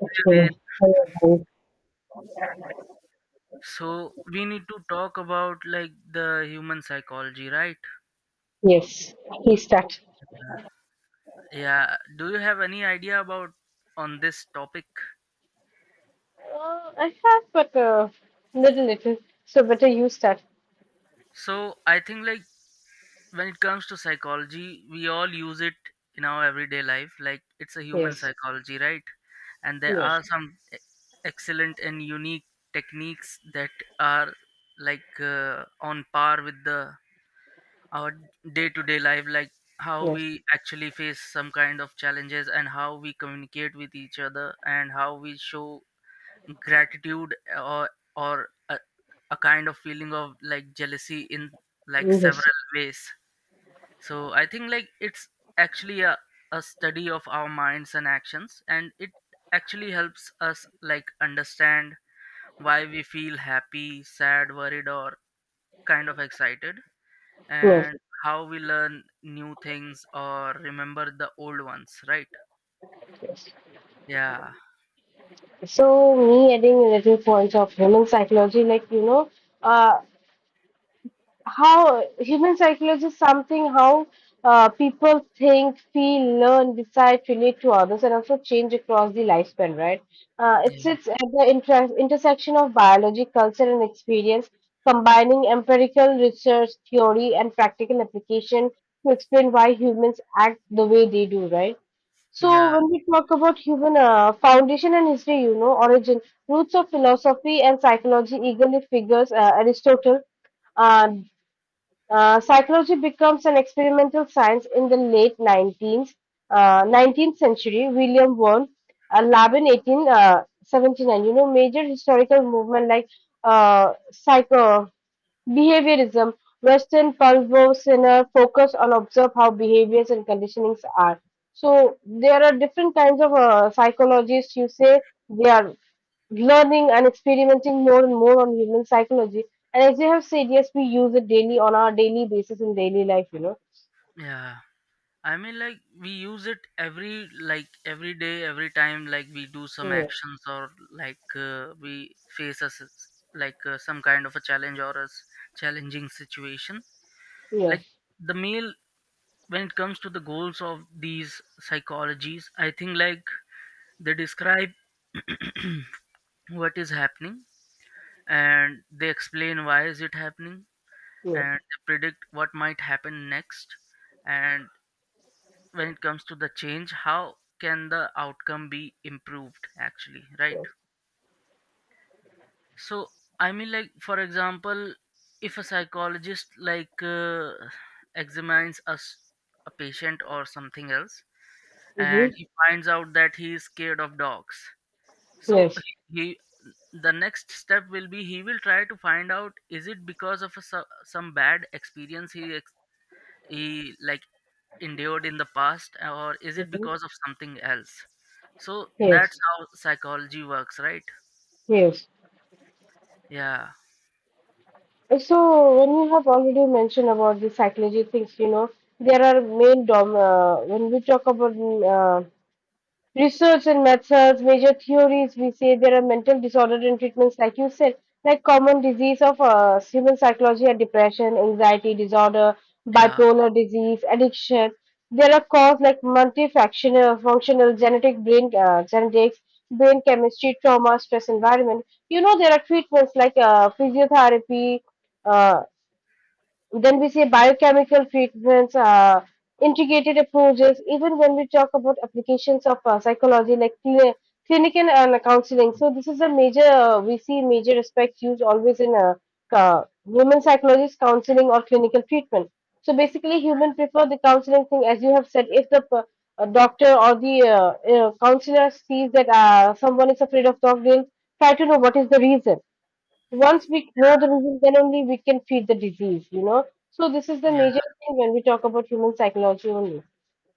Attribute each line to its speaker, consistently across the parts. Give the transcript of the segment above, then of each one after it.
Speaker 1: Okay. Okay.
Speaker 2: So we need to talk about like the human psychology, right?
Speaker 1: Yes, he start.
Speaker 2: Yeah. Do you have any idea about on this topic?
Speaker 1: I have, but little little. So better you start.
Speaker 2: So I think like when it comes to psychology, we all use it in our everyday life. Like it's a human
Speaker 1: Yes,
Speaker 2: psychology, right? And there
Speaker 1: yes,
Speaker 2: are some excellent and unique techniques that are like on par with the our day-to-day life, like how
Speaker 1: yes,
Speaker 2: we actually face some kind of challenges, and how we communicate with each other, and how we show gratitude, or or a, a kind of feeling of like jealousy in like
Speaker 1: yes,
Speaker 2: several ways. So I think like it's actually a study of our minds and actions, and it actually helps us like understand why we feel happy, sad, worried, or kind of excited,
Speaker 1: yes,
Speaker 2: and how we learn new things or remember the old ones, right?
Speaker 1: yes.
Speaker 2: Yeah,
Speaker 1: So me adding a little points of human psychology, uh, how human psychology is something how people think, feel, learn, decide, relate to others, and also change across the lifespan, right? It
Speaker 2: yeah,
Speaker 1: sits at the intersection of biology, culture, and experience, combining empirical research, theory, and practical application to explain why humans act the way they do, right? So,
Speaker 2: yeah,
Speaker 1: when we talk about human foundation and history, you know, origin, roots of philosophy and psychology eagerly figures Aristotle. uh, Psychology becomes an experimental science in the late 19th century. William Wern, a lab in 1879, you know, major historical movement like psycho behaviorism, Western Pulvo Sinner focus on observe how behaviors and conditionings are. So there are different kinds of psychologists. You say they are learning and experimenting more and more on human psychology. And as you have said, yes, we use it daily on our daily basis in daily life, you know.
Speaker 2: yeah. I mean, like we use it every like every day, every time. Like we do some
Speaker 1: Yes,
Speaker 2: actions, or like we face us like some kind of a challenge or a challenging situation. Like
Speaker 1: yes,
Speaker 2: the male, when it comes to the goals of these psychologies, I think like they describe what is happening, and they explain why is it happening,
Speaker 1: yes,
Speaker 2: and they predict what might happen next, and when it comes to the change, how can the outcome be improved, actually, right?
Speaker 1: yes.
Speaker 2: So I mean like, for example, if a psychologist like examines a patient or something else, and
Speaker 1: Mm-hmm.
Speaker 2: he finds out that he is scared of dogs, so
Speaker 1: Yes.
Speaker 2: he- the next step will be he will try to find out, is it because of some bad experience he he like endured in the past, or is it
Speaker 1: Mm-hmm.
Speaker 2: because of something else? So
Speaker 1: Yes.
Speaker 2: that's how psychology works, right?
Speaker 1: Yes.
Speaker 2: Yeah,
Speaker 1: And when you have already mentioned about the psychology things, you know, there are main dom when we talk about research and methods, major theories, we say there are mental disorder and treatments, like you said, like common disease of human psychology are depression, anxiety disorder,
Speaker 2: yeah,
Speaker 1: bipolar disease, addiction. There are causes like multifactional, functional, genetic brain genetics, brain chemistry, trauma, stress environment. You know there are treatments like physiotherapy, uh, then we say biochemical treatments, integrated approaches, even when we talk about applications of psychology like clinic and counseling. So this is a major, we see major aspect used always in human psychologist counseling or clinical treatment. So basically, human prefer the counseling thing, as you have said, if the a doctor or the counselor sees that someone is afraid of dog, they'll try to know what is the reason. Once we know the reason, then only we can treat the disease, you know. So this is the
Speaker 2: yeah, yeah,
Speaker 1: major thing when we talk about human psychology only.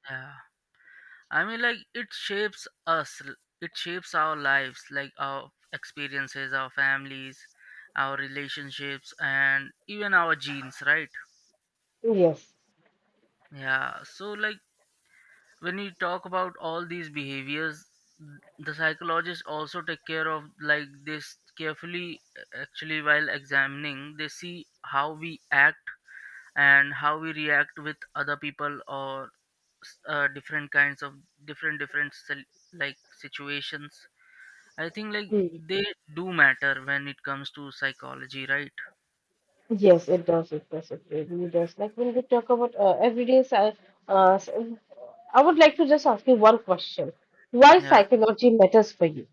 Speaker 2: yeah. I mean like it shapes our lives, like our experiences, our families, our relationships, and even our genes, right?
Speaker 1: Yes.
Speaker 2: Yeah, so like when you talk about all these behaviors, the psychologists also take care of like this carefully, actually, while examining they see how we act, and how we react with other people, or different kinds of like situations. I think like
Speaker 1: Hmm.
Speaker 2: they do matter when it comes to psychology, right?
Speaker 1: Yes, it does. It does. It really does. Like when we talk about uh, s- I would like to just ask you one question. Why
Speaker 2: Yeah.
Speaker 1: psychology matters for you?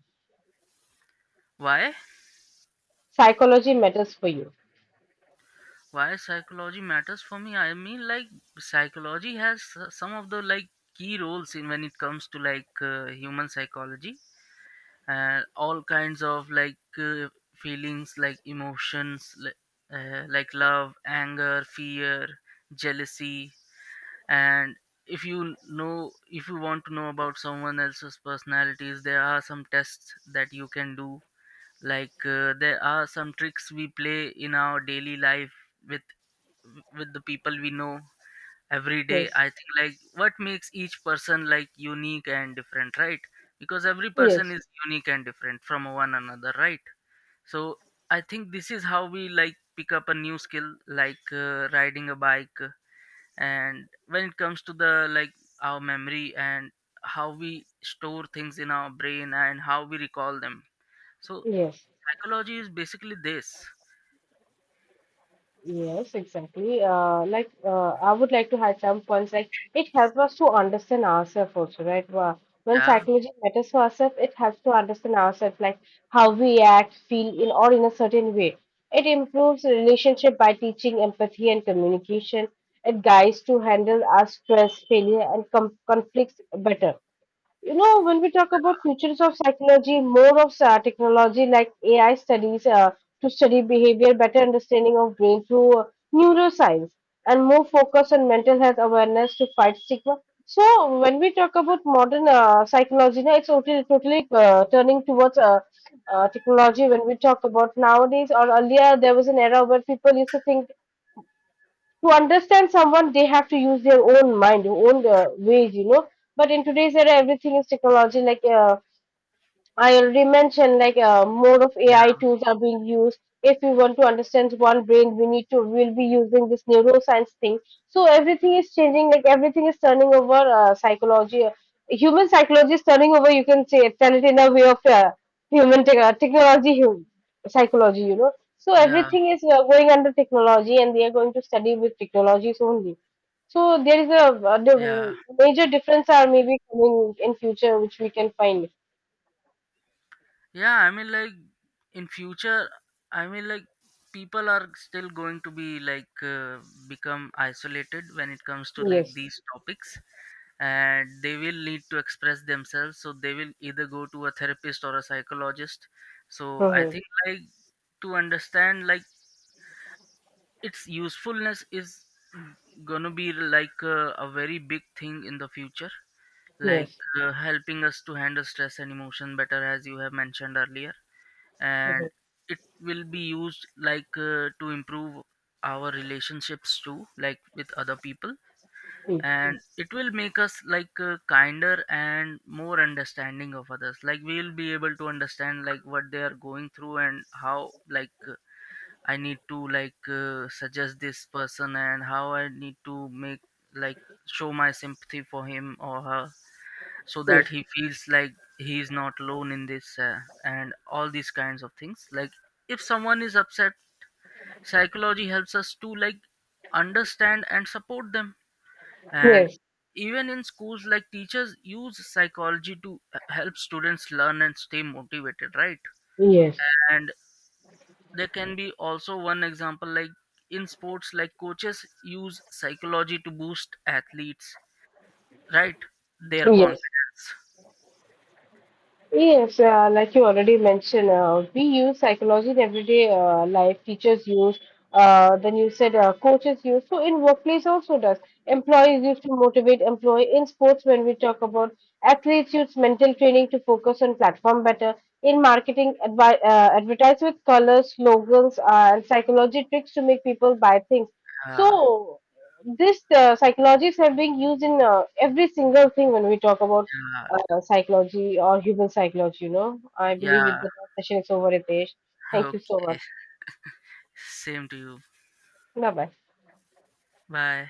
Speaker 2: why
Speaker 1: Psychology matters for you.
Speaker 2: why psychology matters for me? I mean like psychology has some of the like key roles in, when it comes to like human psychology, and all kinds of like feelings, like emotions, like love, anger, fear, jealousy. And if you want to know about someone else's personalities, there are some tests that you can do, like there are some tricks we play in our daily life with the people we know every day.
Speaker 1: Yes.
Speaker 2: I think like what makes each person like unique and different, right? Because every person
Speaker 1: Yes.
Speaker 2: is unique and different from one another, right? So I think this is how we like pick up a new skill, like riding a bike. And when it comes to the like our memory, and how we store things in our brain, and how we recall them, so
Speaker 1: Yes.
Speaker 2: psychology is basically this.
Speaker 1: Yes, exactly. I would like to add some points. Like it helps us to understand ourselves also, right? When
Speaker 2: Yeah,
Speaker 1: psychology matters for ourselves, it helps to understand ourselves, like how we act, feel in or in a certain way. It improves relationship by teaching empathy and communication. It guides to handle our stress, failure, and com conflicts better. You know, when we talk about futures of psychology, more of technology like AI studies to study behavior, better understanding of brain through neuroscience, and more focus on mental health awareness to fight stigma. So, when we talk about modern psychology, now it's totally, totally turning towards technology. When we talk about nowadays or earlier, there was an era where people used to think to understand someone they have to use their own mind own ways, you know, but in today's era everything is technology like I already mentioned, like more of AI
Speaker 2: yeah,
Speaker 1: tools are being used. If we want to understand one brain, we need to we'll be using this neuroscience thing. So everything is changing. Like everything is turning over psychology. Human psychology is turning over. You can say tell it in a way of human tech technology, human psychology. You know. So
Speaker 2: yeah,
Speaker 1: everything is going under technology, and they are going to study with technologies only. So there is a
Speaker 2: yeah,
Speaker 1: the major difference are maybe coming in future, which we can find.
Speaker 2: yeah, I mean, like in future, I mean, like people are still going to be like become isolated when it comes to like
Speaker 1: Yes.
Speaker 2: these topics, and they will need to express themselves. So they will either go to a therapist or a psychologist. So I
Speaker 1: Mhm.
Speaker 2: think like to understand like its usefulness is gonna be like a very big thing in the future, like
Speaker 1: Yes.
Speaker 2: helping us to handle stress and emotion better, as you have mentioned earlier, and
Speaker 1: Mhm.
Speaker 2: it will be used like to improve our relationships too, like with other people. And yes, it will make us like kinder and more understanding of others, like we'll be able to understand like what they are going through, and how like I need to like suggest this person, and how I need to make like show my sympathy for him or her, so that
Speaker 1: Yes.
Speaker 2: he feels like he is not alone in this, and all these kinds of things. Like if someone is upset, psychology helps us to like understand and support them. And
Speaker 1: Yes.
Speaker 2: even in schools, like teachers use psychology to help students learn and stay motivated, right?
Speaker 1: Yes.
Speaker 2: And there can be also one example, like in sports, like coaches use psychology to boost athletes, right, their
Speaker 1: Yes.
Speaker 2: confidence.
Speaker 1: Yes, like you already mentioned, we use psychology in everyday life. Teachers use, then you said coaches use. So in workplace also does. Employees use to motivate employee. In sports, when we talk about athletes, use mental training to focus on platform better. In marketing, advi advertise with colors, slogans, and psychology tricks to make people buy things.
Speaker 2: Yeah,
Speaker 1: So this psychologies have been used in every single thing when we talk about
Speaker 2: yeah,
Speaker 1: psychology or human psychology, you know. I believe with
Speaker 2: yeah.
Speaker 1: that our session is over, Ritesh. Thank you so
Speaker 2: Okay,
Speaker 1: much.
Speaker 2: same to you.
Speaker 1: Bye bye.
Speaker 2: Bye.